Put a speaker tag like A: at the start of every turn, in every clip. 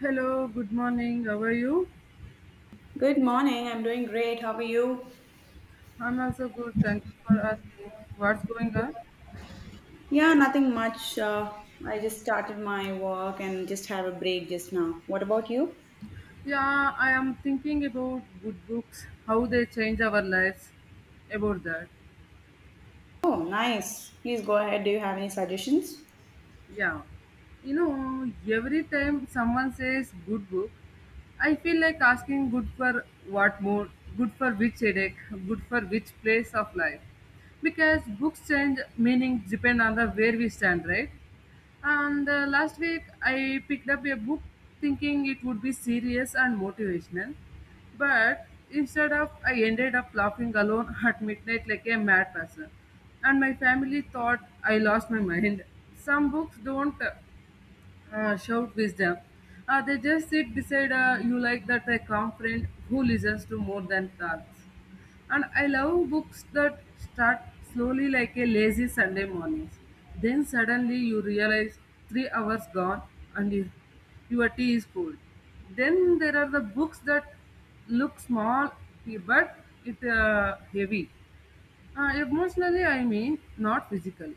A: Hello, good morning. How are you?
B: Good morning. I'm doing great. How are you?
A: I'm also good. Thank you for asking. What's going on?
B: Yeah, nothing much. I just started my work and just have a break just now. What about you?
A: Yeah, I am thinking about good books, how they change our lives. About that.
B: Oh, nice. Please go ahead. Do you have any suggestions?
A: Yeah. Every time someone says good book, I feel like asking good for what more, good for which headache, good for which place of life. Because books change meaning depend on the where we stand, right? And last week, I picked up a book thinking it would be serious and motivational. But instead of, I ended up laughing alone at midnight like a mad person. And my family thought I lost my mind. Some books don't shout wisdom. They just sit beside you like that a calm friend who listens to more than thoughts. And I love books that start slowly like a lazy Sunday mornings. Then suddenly you realize 3 hours gone and your tea is cold. Then there are the books that look small but it heavy. Emotionally, I mean, not physically.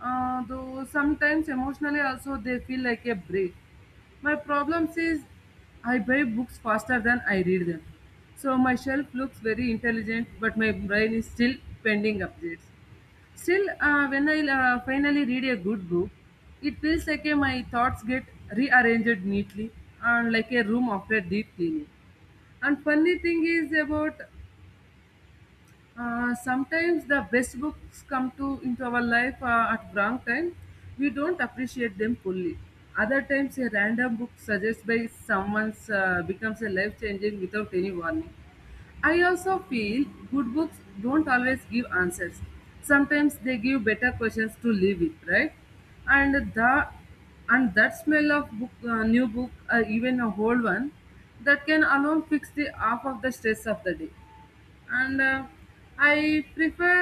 A: Though sometimes emotionally also they feel like a break. My problem is I buy books faster than I read them. So my shelf looks very intelligent, but my brain is still pending updates. Still, when I finally read a good book, it feels like my thoughts get rearranged neatly and like a room after deep cleaning. And funny thing is about sometimes the best books come to into our life at wrong time. We don't appreciate them fully. Other times, a random book suggested by someone becomes a life changing without any warning. I also feel good books don't always give answers. Sometimes they give better questions to live with, right? And the and that smell of book, new book, or even a old one, that can alone fix the half of the stress of the day and I prefer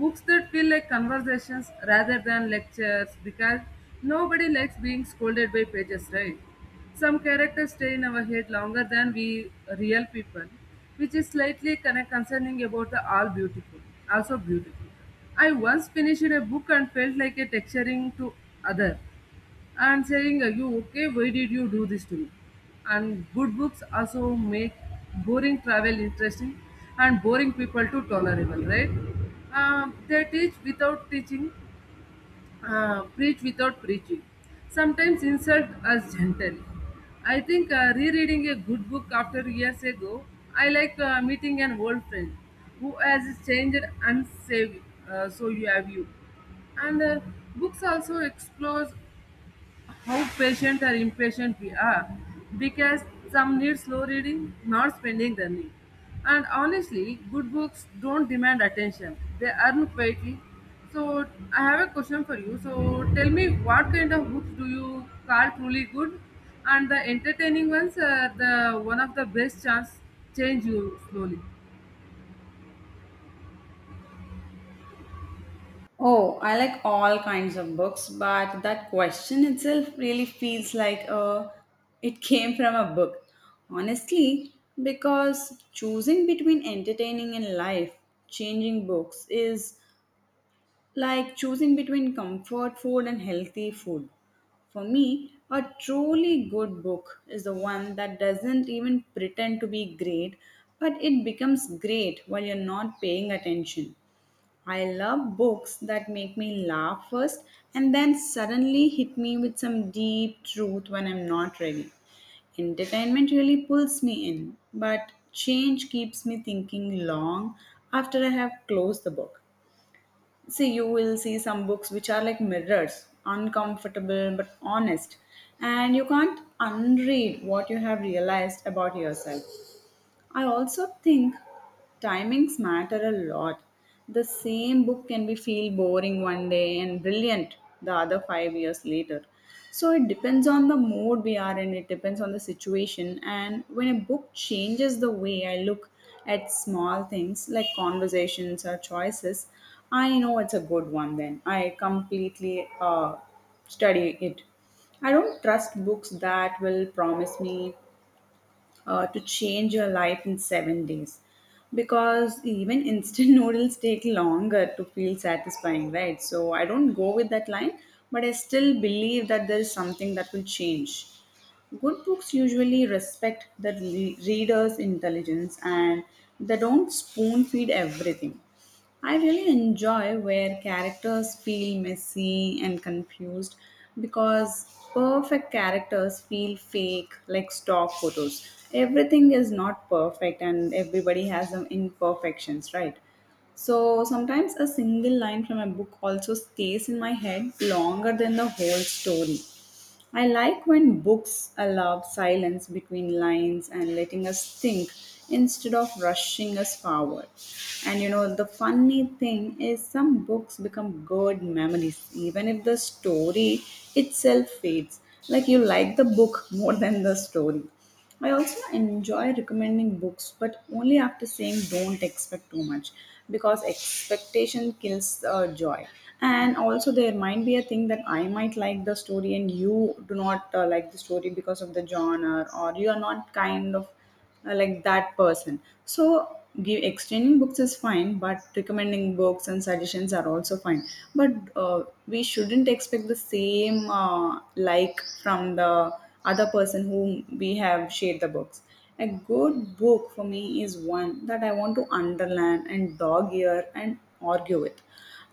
A: books that feel like conversations rather than lectures, because nobody likes being scolded by pages, right? Some characters stay in our head longer than we real people, which is slightly kind of concerning. About the all beautiful, also beautiful, I once finished a book and felt like a texturing to other and saying, "Are you okay? Why did you do this to me?" And good books also make boring travel interesting and boring people to tolerable, right? They teach without teaching, preach without preaching, sometimes insult us gently. I think rereading a good book after years ago, I like meeting an old friend who has changed and saved, so you have you and books also explores how patient or impatient we are, because some need slow reading, not spending the need. And honestly, good books don't demand attention, they earn quietly. So, I have a question for you. So, tell me, what kind of books do you call truly good? And the entertaining ones are the one of the best chance change you slowly.
B: Oh, I like all kinds of books, but that question itself really feels like it came from a book. Honestly, because choosing between entertaining and life, changing books is like choosing between comfort food and healthy food. For me, a truly good book is the one that doesn't even pretend to be great, but it becomes great while you're not paying attention. I love books that make me laugh first and then suddenly hit me with some deep truth when I'm not ready. Entertainment really pulls me in, but change keeps me thinking long after I have closed the book. See, you will see some books which are like mirrors, uncomfortable but honest, and you can't unread what you have realized about yourself. I also think timings matter a lot. The same book can be feel boring one day and brilliant the other 5 years later. So it depends on the mood we are in, it depends on the situation, and when a book changes the way I look at small things like conversations or choices, I know it's a good one then. I completely study it. I don't trust books that will promise me to change your life in 7 days, because even instant noodles take longer to feel satisfying, right? So I don't go with that line, but I still believe that there is something that will change. Good books usually respect the reader's intelligence, and they don't spoon feed everything. I really enjoy where characters feel messy and confused because perfect characters feel fake, like stock photos. Everything is not perfect and everybody has some imperfections, right? So sometimes a single line from a book also stays in my head longer than the whole story. I like when books allow silence between lines and letting us think instead of rushing us forward. And you know, the funny thing is, some books become good memories, even if the story itself fades. Like you like the book more than the story. I also enjoy recommending books, but only after saying don't expect too much because expectation kills joy. And also, there might be a thing that I might like the story and you do not like the story because of the genre, or you are not kind of like that person. So give exchanging books is fine, but recommending books and suggestions are also fine. But we shouldn't expect the same like from the other person whom we have shared the books. A good book for me is one that I want to underline and dog ear and argue with.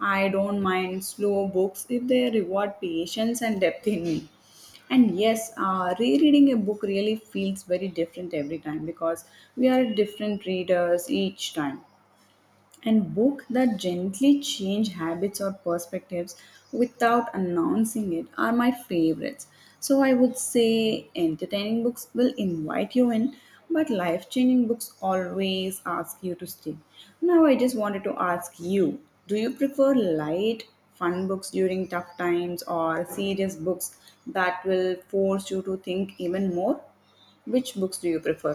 B: I don't mind slow books if they reward patience and depth in me. And yes, rereading a book really feels very different every time because we are different readers each time, and book that gently change habits or perspectives without announcing it are my favorites. So I would say entertaining books will invite you in, but life changing books always ask you to stay. Now I just wanted to ask you, do you prefer light fun books during tough times or serious books that will force you to think even more? Which books do you prefer?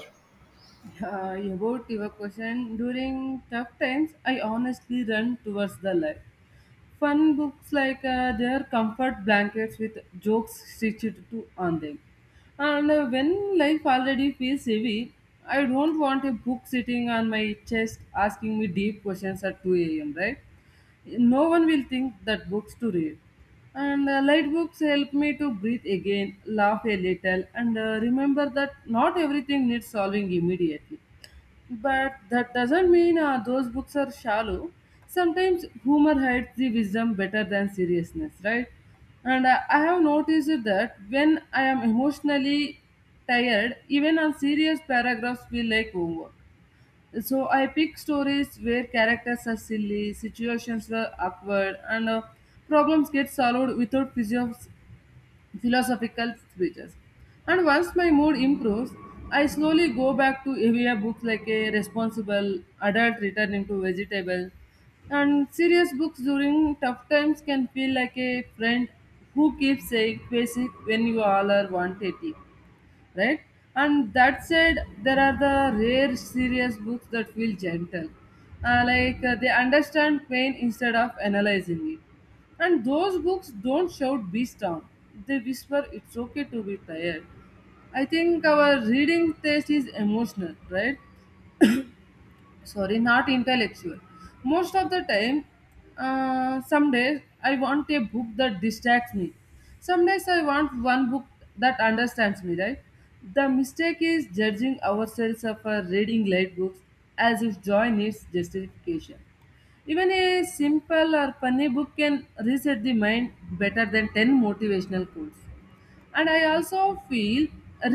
A: Yeah, about your question, during tough times, I honestly run towards the light. Fun books like their comfort blankets with jokes stitched to on them. And when life already feels heavy, I don't want a book sitting on my chest asking me deep questions at 2 a.m., right? No one will think that books to read. And light books help me to breathe again, laugh a little, and remember that not everything needs solving immediately. But that doesn't mean those books are shallow. Sometimes humor hides the wisdom better than seriousness, right? And I have noticed that when I am emotionally tired, even on serious paragraphs feel like homework. So I pick stories where characters are silly, situations were awkward, and problems get solved without philosophical speeches. And once my mood improves, I slowly go back to heavier books like a responsible adult returning to vegetable. And serious books during tough times can feel like a friend who keeps saying basic when you all are 180, right? And that said, there are the rare serious books that feel gentle. Like, they understand pain instead of analyzing it. And those books don't shout be down; they whisper it's okay to be tired. I think our reading taste is emotional, right? Sorry, not intellectual. Most of the time, some days I want a book that distracts me, some days I want one book that understands me, right? The mistake is judging ourselves for reading light books as if joy needs justification. Even a simple or funny book can reset the mind better than 10 motivational quotes. And I also feel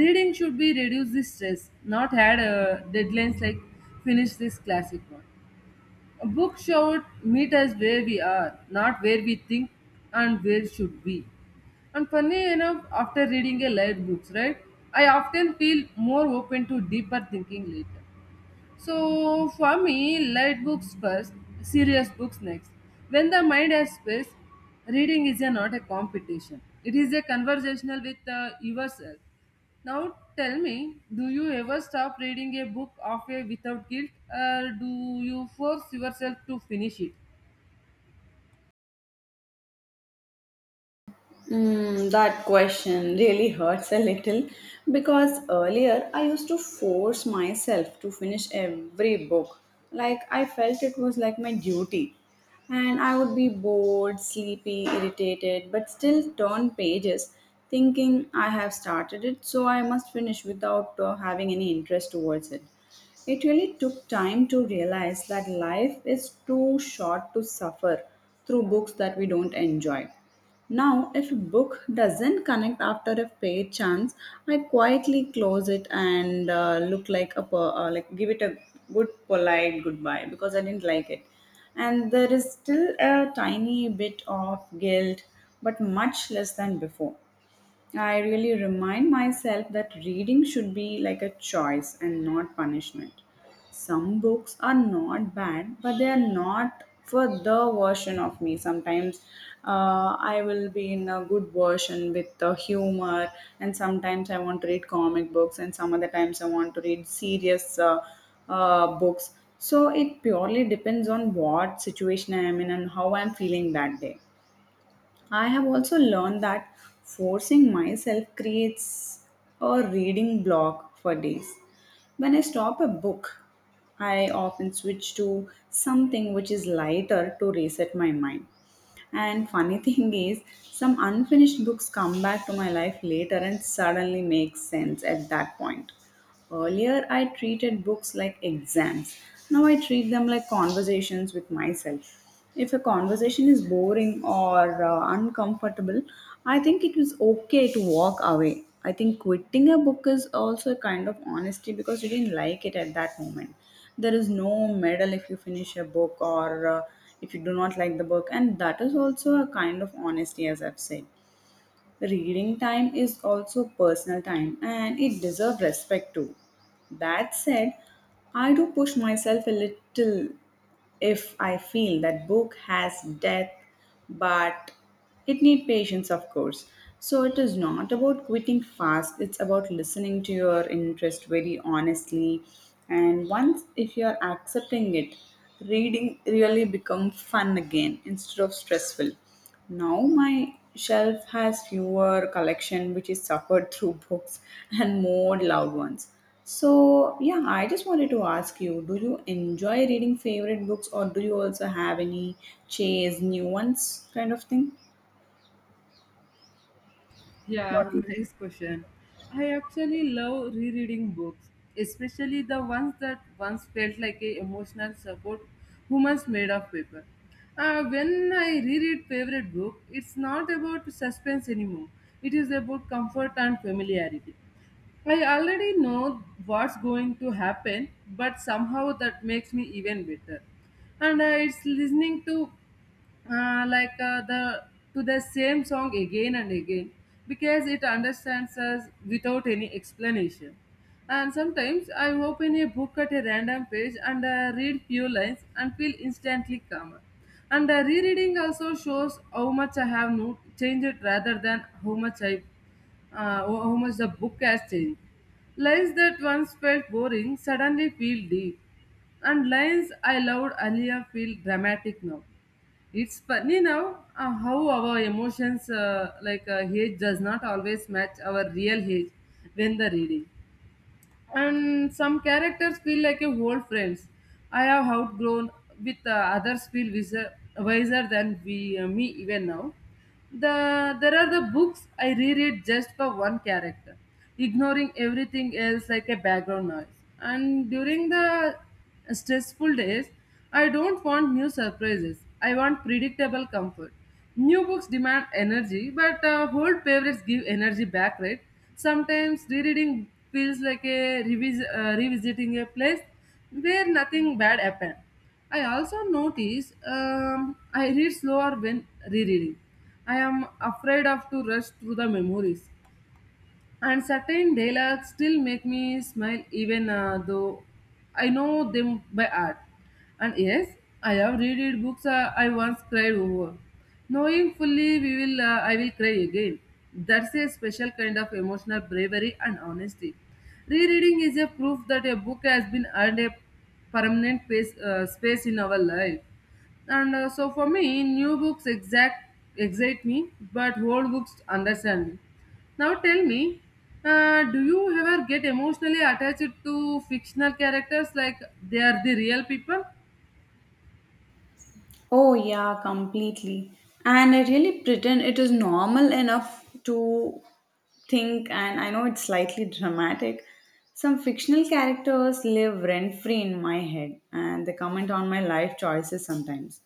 A: reading should be reduce the stress, not had deadlines like finish this classic one. A book should meet us where we are, not where we think and where should be. And funny enough, after reading a light books, right, I often feel more open to deeper thinking later. So for me, light books first, serious books next. When the mind has space, reading is not a competition. It is a conversational with yourself. Now tell me, do you ever stop reading a book halfway without guilt, or do you force yourself to finish it?
B: Mm, that question really hurts a little because earlier I used to force myself to finish every book. Like I felt it was like my duty. And I would be bored, sleepy, irritated, but still turn pages thinking I have started it, so I must finish without having any interest towards it. It really took time to realize that life is too short to suffer through books that we don't enjoy. Now, if a book doesn't connect after a fair chance, I quietly close it and look like a per- like give it a good polite goodbye because I didn't like it. And there is still a tiny bit of guilt, but much less than before. I really remind myself that reading should be like a choice and not punishment. Some books are not bad, but they are not for the version of me. Sometimes I will be in a good version with the humor, and sometimes I want to read comic books, and some other times I want to read serious books. So it purely depends on what situation I am in and how I am feeling that day. I have also learned that forcing myself creates a reading block for days. When I stop a book, I often switch to something which is lighter to reset my mind. And funny thing is, some unfinished books come back to my life later and suddenly make sense at that point. Earlier, I treated books like exams. Now I treat them like conversations with myself. If a conversation is boring or uncomfortable, I think it is okay to walk away. I think quitting a book is also a kind of honesty because you didn't like it at that moment. There is no medal if you finish a book, or if you do not like the book, and that is also a kind of honesty, as I've said. Reading time is also personal time and it deserves respect too. That said, I do push myself a little if I feel that book has depth, but it needs patience, of course. So it is not about quitting fast, it's about listening to your interest very honestly. And once if you are accepting it, reading really become fun again instead of stressful. Now my shelf has fewer collection which is suffered through books and more loud ones. So yeah, I just wanted to ask you, do you enjoy reading favorite books or do you also have any chase new ones kind of thing? What
A: Yeah,
B: do you—
A: nice question. I actually love rereading books, especially the ones that once felt like a emotional support humans made of paper. When I reread favorite book, it's not about suspense anymore. It is about comfort and familiarity. I already know what's going to happen, but somehow that makes me even better. And it's listening uh, like uh, the to the same song again and again, because it understands us without any explanation. And sometimes I open a book at a random page and read few lines and feel instantly calmer. And Rereading also shows how much I have changed rather than how much the book has changed. Lines that once felt boring suddenly feel deep, and lines I loved earlier feel dramatic now. It's funny now how our emotions, age, does not always match our real age when the reading. And some characters feel like a old friends I have outgrown, with others feel wiser than we, me even now. There are the books I reread just for one character, ignoring everything else like a background noise. And during the stressful days, I don't want new surprises, I want predictable comfort. New books demand energy, but old favorites give energy back, right? Sometimes rereading feels like a revisiting a place where nothing bad happened. I also notice I read slower when rereading. I am afraid of to rush through the memories, and certain dialogues still make me smile even though I know them by heart. And yes, I have read it books I once cried over. Knowing fully we will, I will cry again. That's a special kind of emotional bravery and honesty. Rereading is a proof that a book has been earned a permanent space in our life. And so for me, new books exact excite me, but old books understand me. Now tell me, do you ever get emotionally attached to fictional characters like they are the real people?
B: Oh, yeah, completely. And I really pretend it is normal enough to think, and I know it's slightly dramatic. Some fictional characters live rent free in my head, and they comment on my life choices sometimes.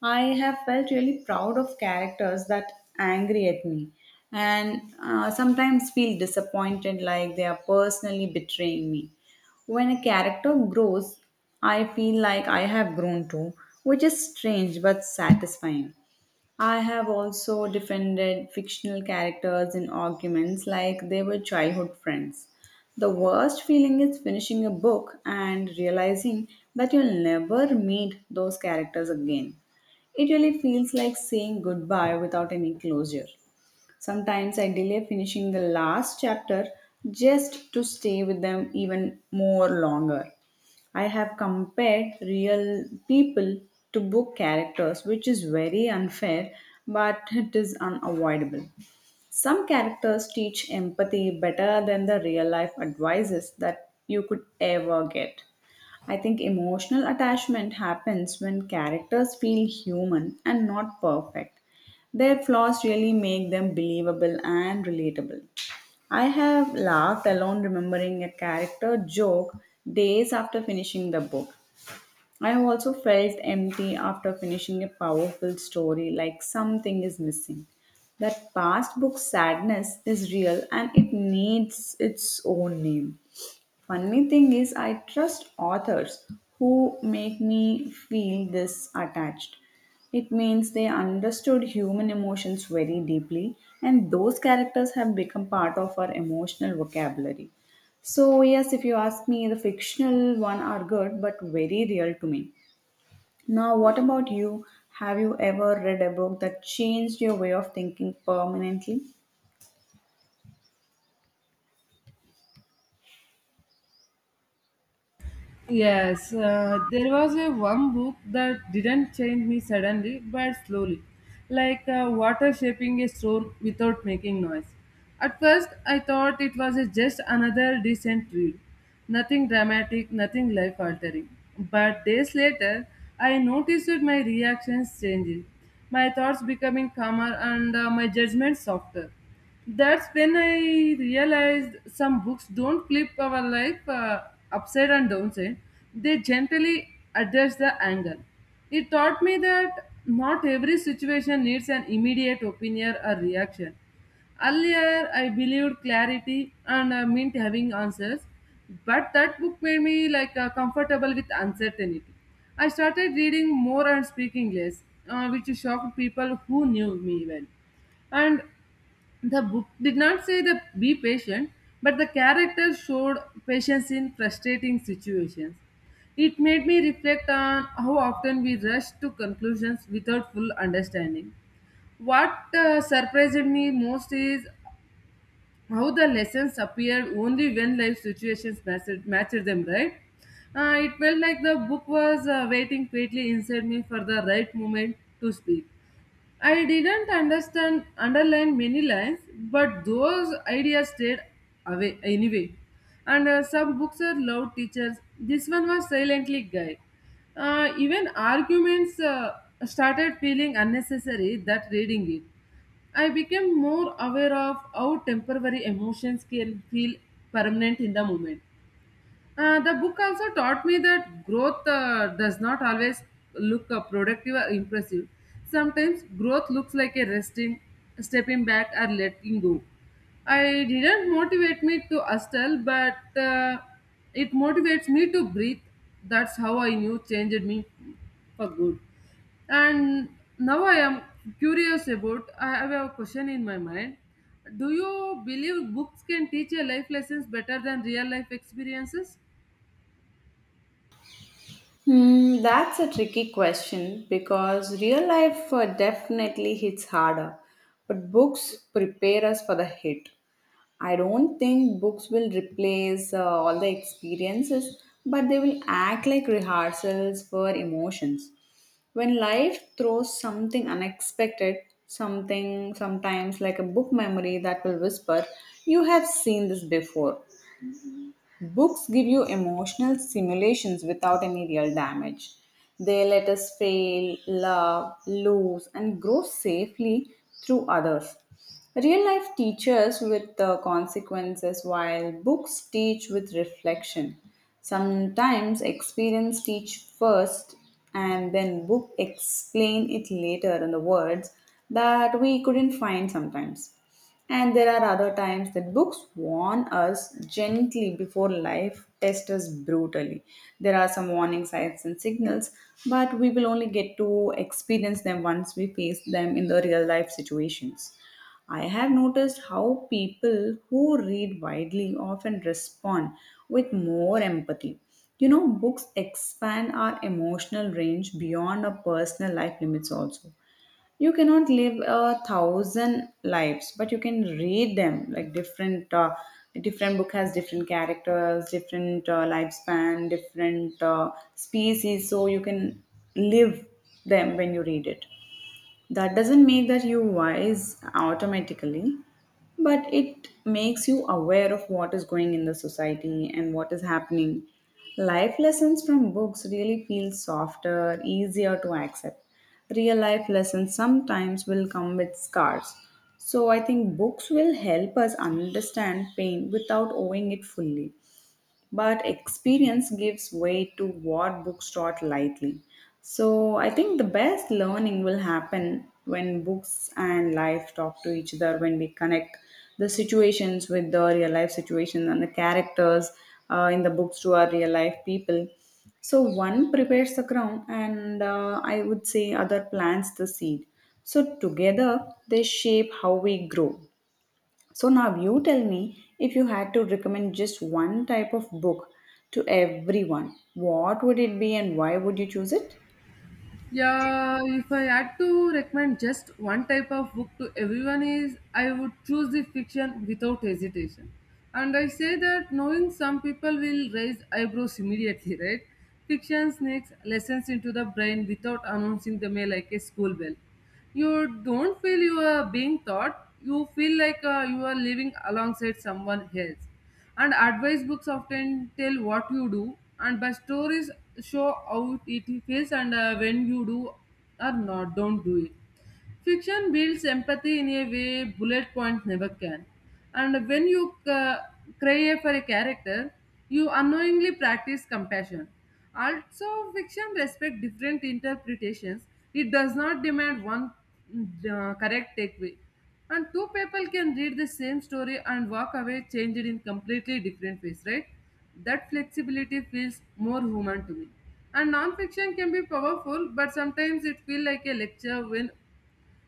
B: I have felt really proud of characters that angry at me, and sometimes feel disappointed like they are personally betraying me. When a character grows, I feel like I have grown too, which is strange but satisfying. I have also defended fictional characters in arguments like they were childhood friends. The worst feeling is finishing a book and realizing that you'll never meet those characters again. It really feels like saying goodbye without any closure. Sometimes I delay finishing the last chapter just to stay with them even more longer. I have compared real people to book characters, which is very unfair, but it is unavoidable. Some characters teach empathy better than the real life advices that you could ever get. I think emotional attachment happens when characters feel human and not perfect. Their flaws really make them believable and relatable. I have laughed alone remembering a character joke days after finishing the book. I have also felt empty after finishing a powerful story, like something is missing. That past book sadness is real and it needs its own name. Funny thing is, I trust authors who make me feel this attached. It means they understood human emotions very deeply, and those characters have become part of our emotional vocabulary. So, yes, if you ask me, the fictional one are good but very real to me. Now, what about you? Have you ever read a book that changed your way of thinking permanently?
A: Yes, there was a one book that didn't change me suddenly but slowly, like water shaping a stone without making noise. At first, I thought it was a just another decent read, nothing dramatic, nothing life altering. But days later, I noticed that my reactions changing, my thoughts becoming calmer, and my judgment softer. That's when I realized some books don't flip our life upside and downside. They gently address the angle. It taught me that not every situation needs an immediate opinion or reaction. Earlier, I believed clarity and meant having answers, but that book made me comfortable with uncertainty. I started reading more and speaking less, which shocked people who knew me well. And the book did not say that be patient, but the character showed patience in frustrating situations. It made me reflect on how often we rush to conclusions without full understanding. What surprised me most is how the lessons appeared only when life situations matched them, right? It felt like the book was waiting quietly inside me for the right moment to speak. I didn't understand underline many lines, but those ideas stayed away anyway. And Some books are loud teachers. This one was silently guy. Even arguments started feeling unnecessary that reading it. I became more aware of how temporary emotions can feel permanent in the moment. The book also taught me that growth does not always look productive or impressive. Sometimes growth looks like a resting, stepping back, or letting go. I didn't motivate me to hustle, but it motivates me to breathe. That's how I knew changed me for good. And now I am curious about. I have a question in my mind. Do you believe books can teach a life lessons better than real life experiences?
B: Hmm, that's a tricky question because real life definitely hits harder, but books prepare us for the hit. I don't think books will replace all the experiences, but they will act like rehearsals for emotions. When life throws something unexpected, something sometimes like a book memory that will whisper, "You have seen this before." Books give you emotional simulations without any real damage. They let us fail, love, lose, and grow safely through others. Real life teaches with the consequences, while books teach with reflection. Sometimes experience teach first, and then book explain it later in the words that we couldn't find sometimes. And there are other times that books warn us gently before life tests us brutally. There are some warning signs and signals, but we will only get to experience them once we face them in the real life situations. I have noticed how people who read widely often respond with more empathy. You know, books expand our emotional range beyond our personal life limits also you cannot live a thousand lives but you can read them like different different book has different characters different lifespan different species so you can live them when you read it. That doesn't make that you wise automatically, but it makes you aware of what is going in the society and what is happening. Life lessons from books really feel softer, easier to accept. Real life lessons sometimes will come with scars. So I think books will help us understand pain without owing it fully, but experience gives way to what books taught lightly. So I think the best learning will happen when books and life talk to each other, when we connect the situations with the real life situations and the characters in the books to our real life people. So one prepares the ground, and I would say other plants the seed. So together they shape how we grow. So now you tell me, if you had to recommend just one type of book to everyone, what would it be and why would you choose it?
A: Yeah, if I had to recommend just one type of book to everyone is I would choose the fiction without hesitation. And I say that knowing some people will raise eyebrows immediately, right? Fiction sneaks lessons into the brain without announcing them like a school bell. You don't feel you are being taught, you feel like you are living alongside someone else. And advice books often tell what you do, and but stories show how it feels and when you do or not, don't do it. Fiction builds empathy in a way bullet points never can. And when you crave for a character, you unknowingly practice compassion. Also, fiction respects different interpretations. It does not demand one correct takeaway. And two people can read the same story and walk away changed in completely different ways, right? That flexibility feels more human to me. And non-fiction can be powerful, but sometimes it feels like a lecture when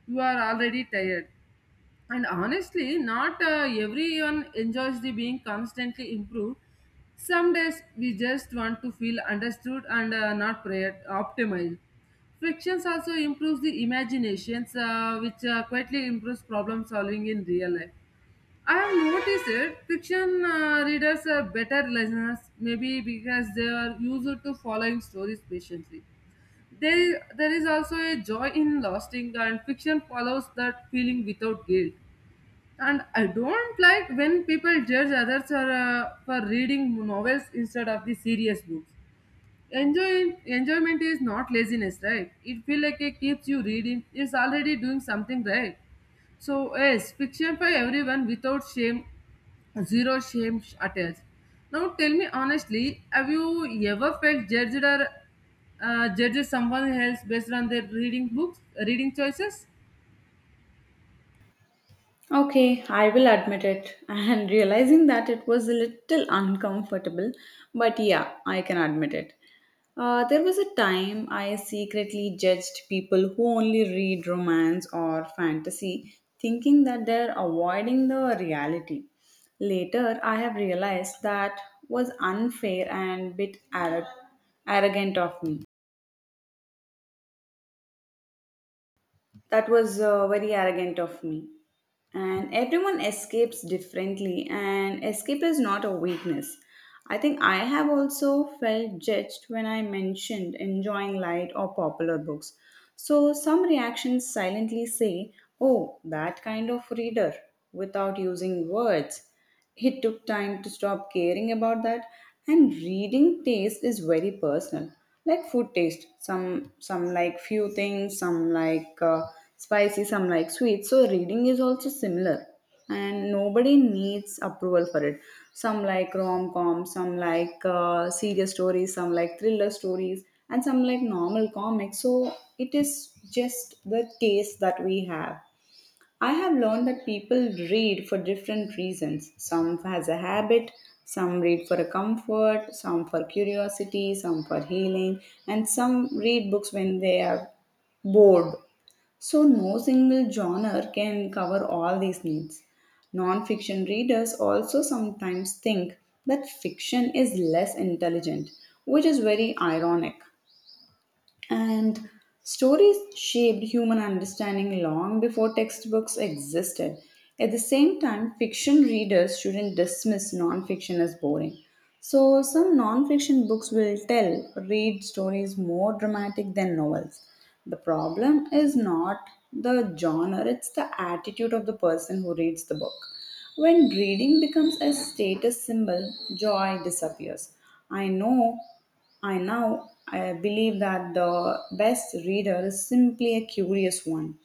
A: you are already tired and honestly not everyone enjoys the being constantly improved, some days we just want to feel understood and not optimized. Frictions also improves the imaginations, which quietly improves problem solving in real life. I have noticed it fiction readers are better listeners, maybe because they are used to following stories patiently. There is also a joy in lasting, and fiction follows that feeling without guilt. And I don't like when people judge others are, for reading novels instead of the serious books. Enjoyment is not laziness, right? It feels like it keeps you reading. It's already doing something right. So yes, fiction for everyone without shame. Zero shame attached. Now tell me honestly, have you ever felt judged or judged someone else based on their reading books, reading choices?
B: Okay, I will admit it. And realizing that it was a little uncomfortable, but yeah, I can admit it. There was a time I secretly judged people who only read romance or fantasy, thinking that they're avoiding the reality. Later, I have realized that was unfair and bit arrogant of me. That was very arrogant of me. And everyone escapes differently, and escape is not a weakness. I think I have also felt judged when I mentioned enjoying light or popular books. So some reactions silently say, "Oh, that kind of reader," without using words. He took time to stop caring about that. And reading taste is very personal, like food taste. Some like few things, some like spicy, some like sweet. So reading is also similar, and nobody needs approval for it. Some like rom com, some like serious stories, some like thriller stories, and some like normal comics. So it is just the taste that we have. I have learned that people read for different reasons. Some has a habit, some read for a comfort, some for curiosity, some for healing, and some read books when they are bored. So no single genre can cover all these needs. Non-fiction readers also sometimes think that fiction is less intelligent, which is very ironic. And stories shaped human understanding long before textbooks existed. At the same time, fiction readers shouldn't dismiss non-fiction as boring. So, some non-fiction books will tell read stories more dramatic than novels. The problem is not the genre, it's the attitude of the person who reads the book. When reading becomes a status symbol, joy disappears. I know I now I believe that the best reader is simply a curious one.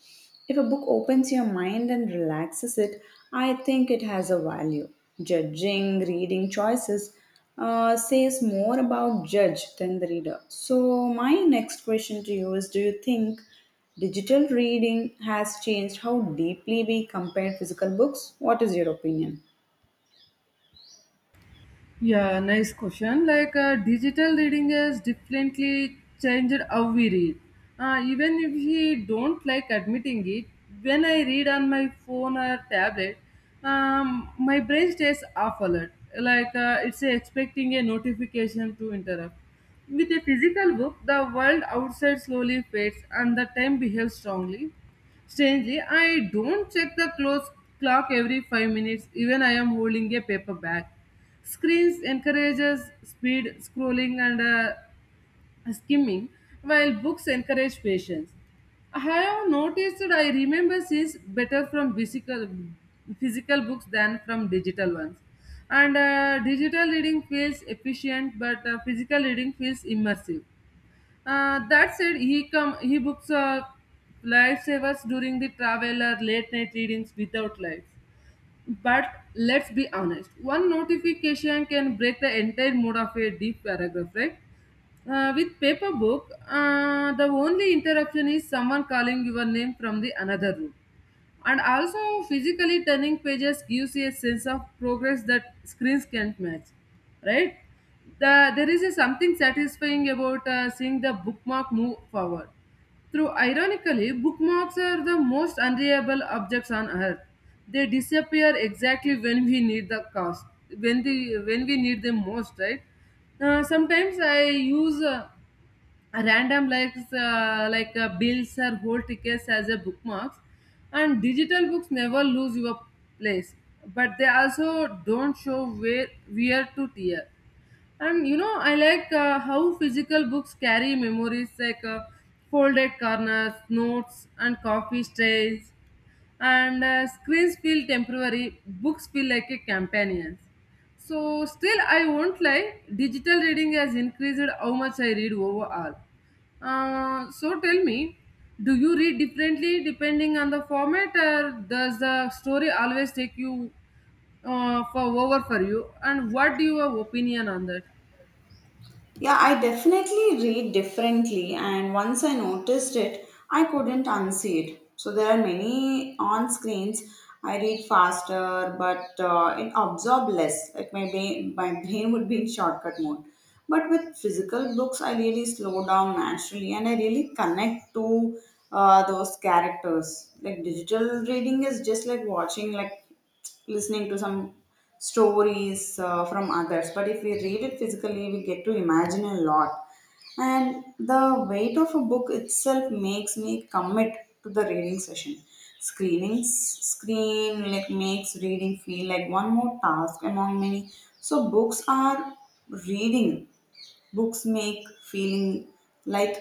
B: If a book opens your mind and relaxes it, I think it has a value. Judging reading choices says more about judge than the reader. So my next question to you is: do you think digital reading has changed how deeply we compare physical books? What is your opinion?
A: Yeah, nice question. Like digital reading has definitely changed how we read. Even if we don't like admitting it, when I read on my phone or tablet, my brain stays off alert. Like it's expecting a notification to interrupt. With a physical book, the world outside slowly fades and the time behaves strongly. Strangely, I don't check the close clock every 5 minutes, even I am holding a paper bag. Screens encourages speed scrolling and skimming, while books encourage patience. I have noticed that I remember sees better from physical books than from digital ones. And digital reading feels efficient, but physical reading feels immersive. That said, he come he books are lifesavers during the travel or late night readings without lights. But let's be honest, one notification can break the entire mood of a deep paragraph, right? With paper book, the only interruption is someone calling your name from the another room. And also, physically turning pages gives you a sense of progress that screens can't match, right? There is a something satisfying about seeing the bookmark move forward. Through ironically, bookmarks are the most unreliable objects on earth. They disappear exactly when we need when the when we need them most, right? Sometimes I use. Random likes like bills or whole tickets as a bookmarks. And digital books never lose your place, but they also don't show where to tear. And you know I like how physical books carry memories like folded corners, notes, and coffee stains. And screens feel temporary, books feel like a companion. So still I won't lie, digital reading has increased how much I read overall. So tell me, do you read differently depending on the format, or does the story always take you for you, and what do your opinion on that?
B: Yeah, I definitely read differently, and once I noticed it, I couldn't unsee it. So there are many on screens. I read faster, but it absorb less. Like my brain would be in shortcut mode. But with physical books, I really slow down naturally, and I really connect to those characters. Like digital reading is just like watching, like listening to some stories from others. But if we read it physically, we get to imagine a lot, and the weight of a book itself makes me commit to the reading session. Screenings screen like makes reading feel like one more task among many. So books are reading books make feeling like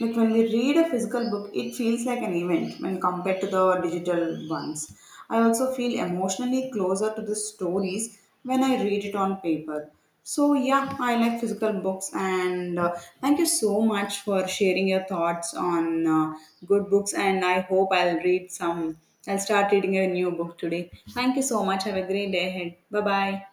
B: like when we read a physical book, it feels like an event when compared to the digital ones. I also feel emotionally closer to the stories when I read it on paper. So, yeah, I like physical books, and thank you so much for sharing your thoughts on good books. And I hope I'll read some, I'll start reading a new book today. Thank you so much. Have a great day ahead. Bye bye.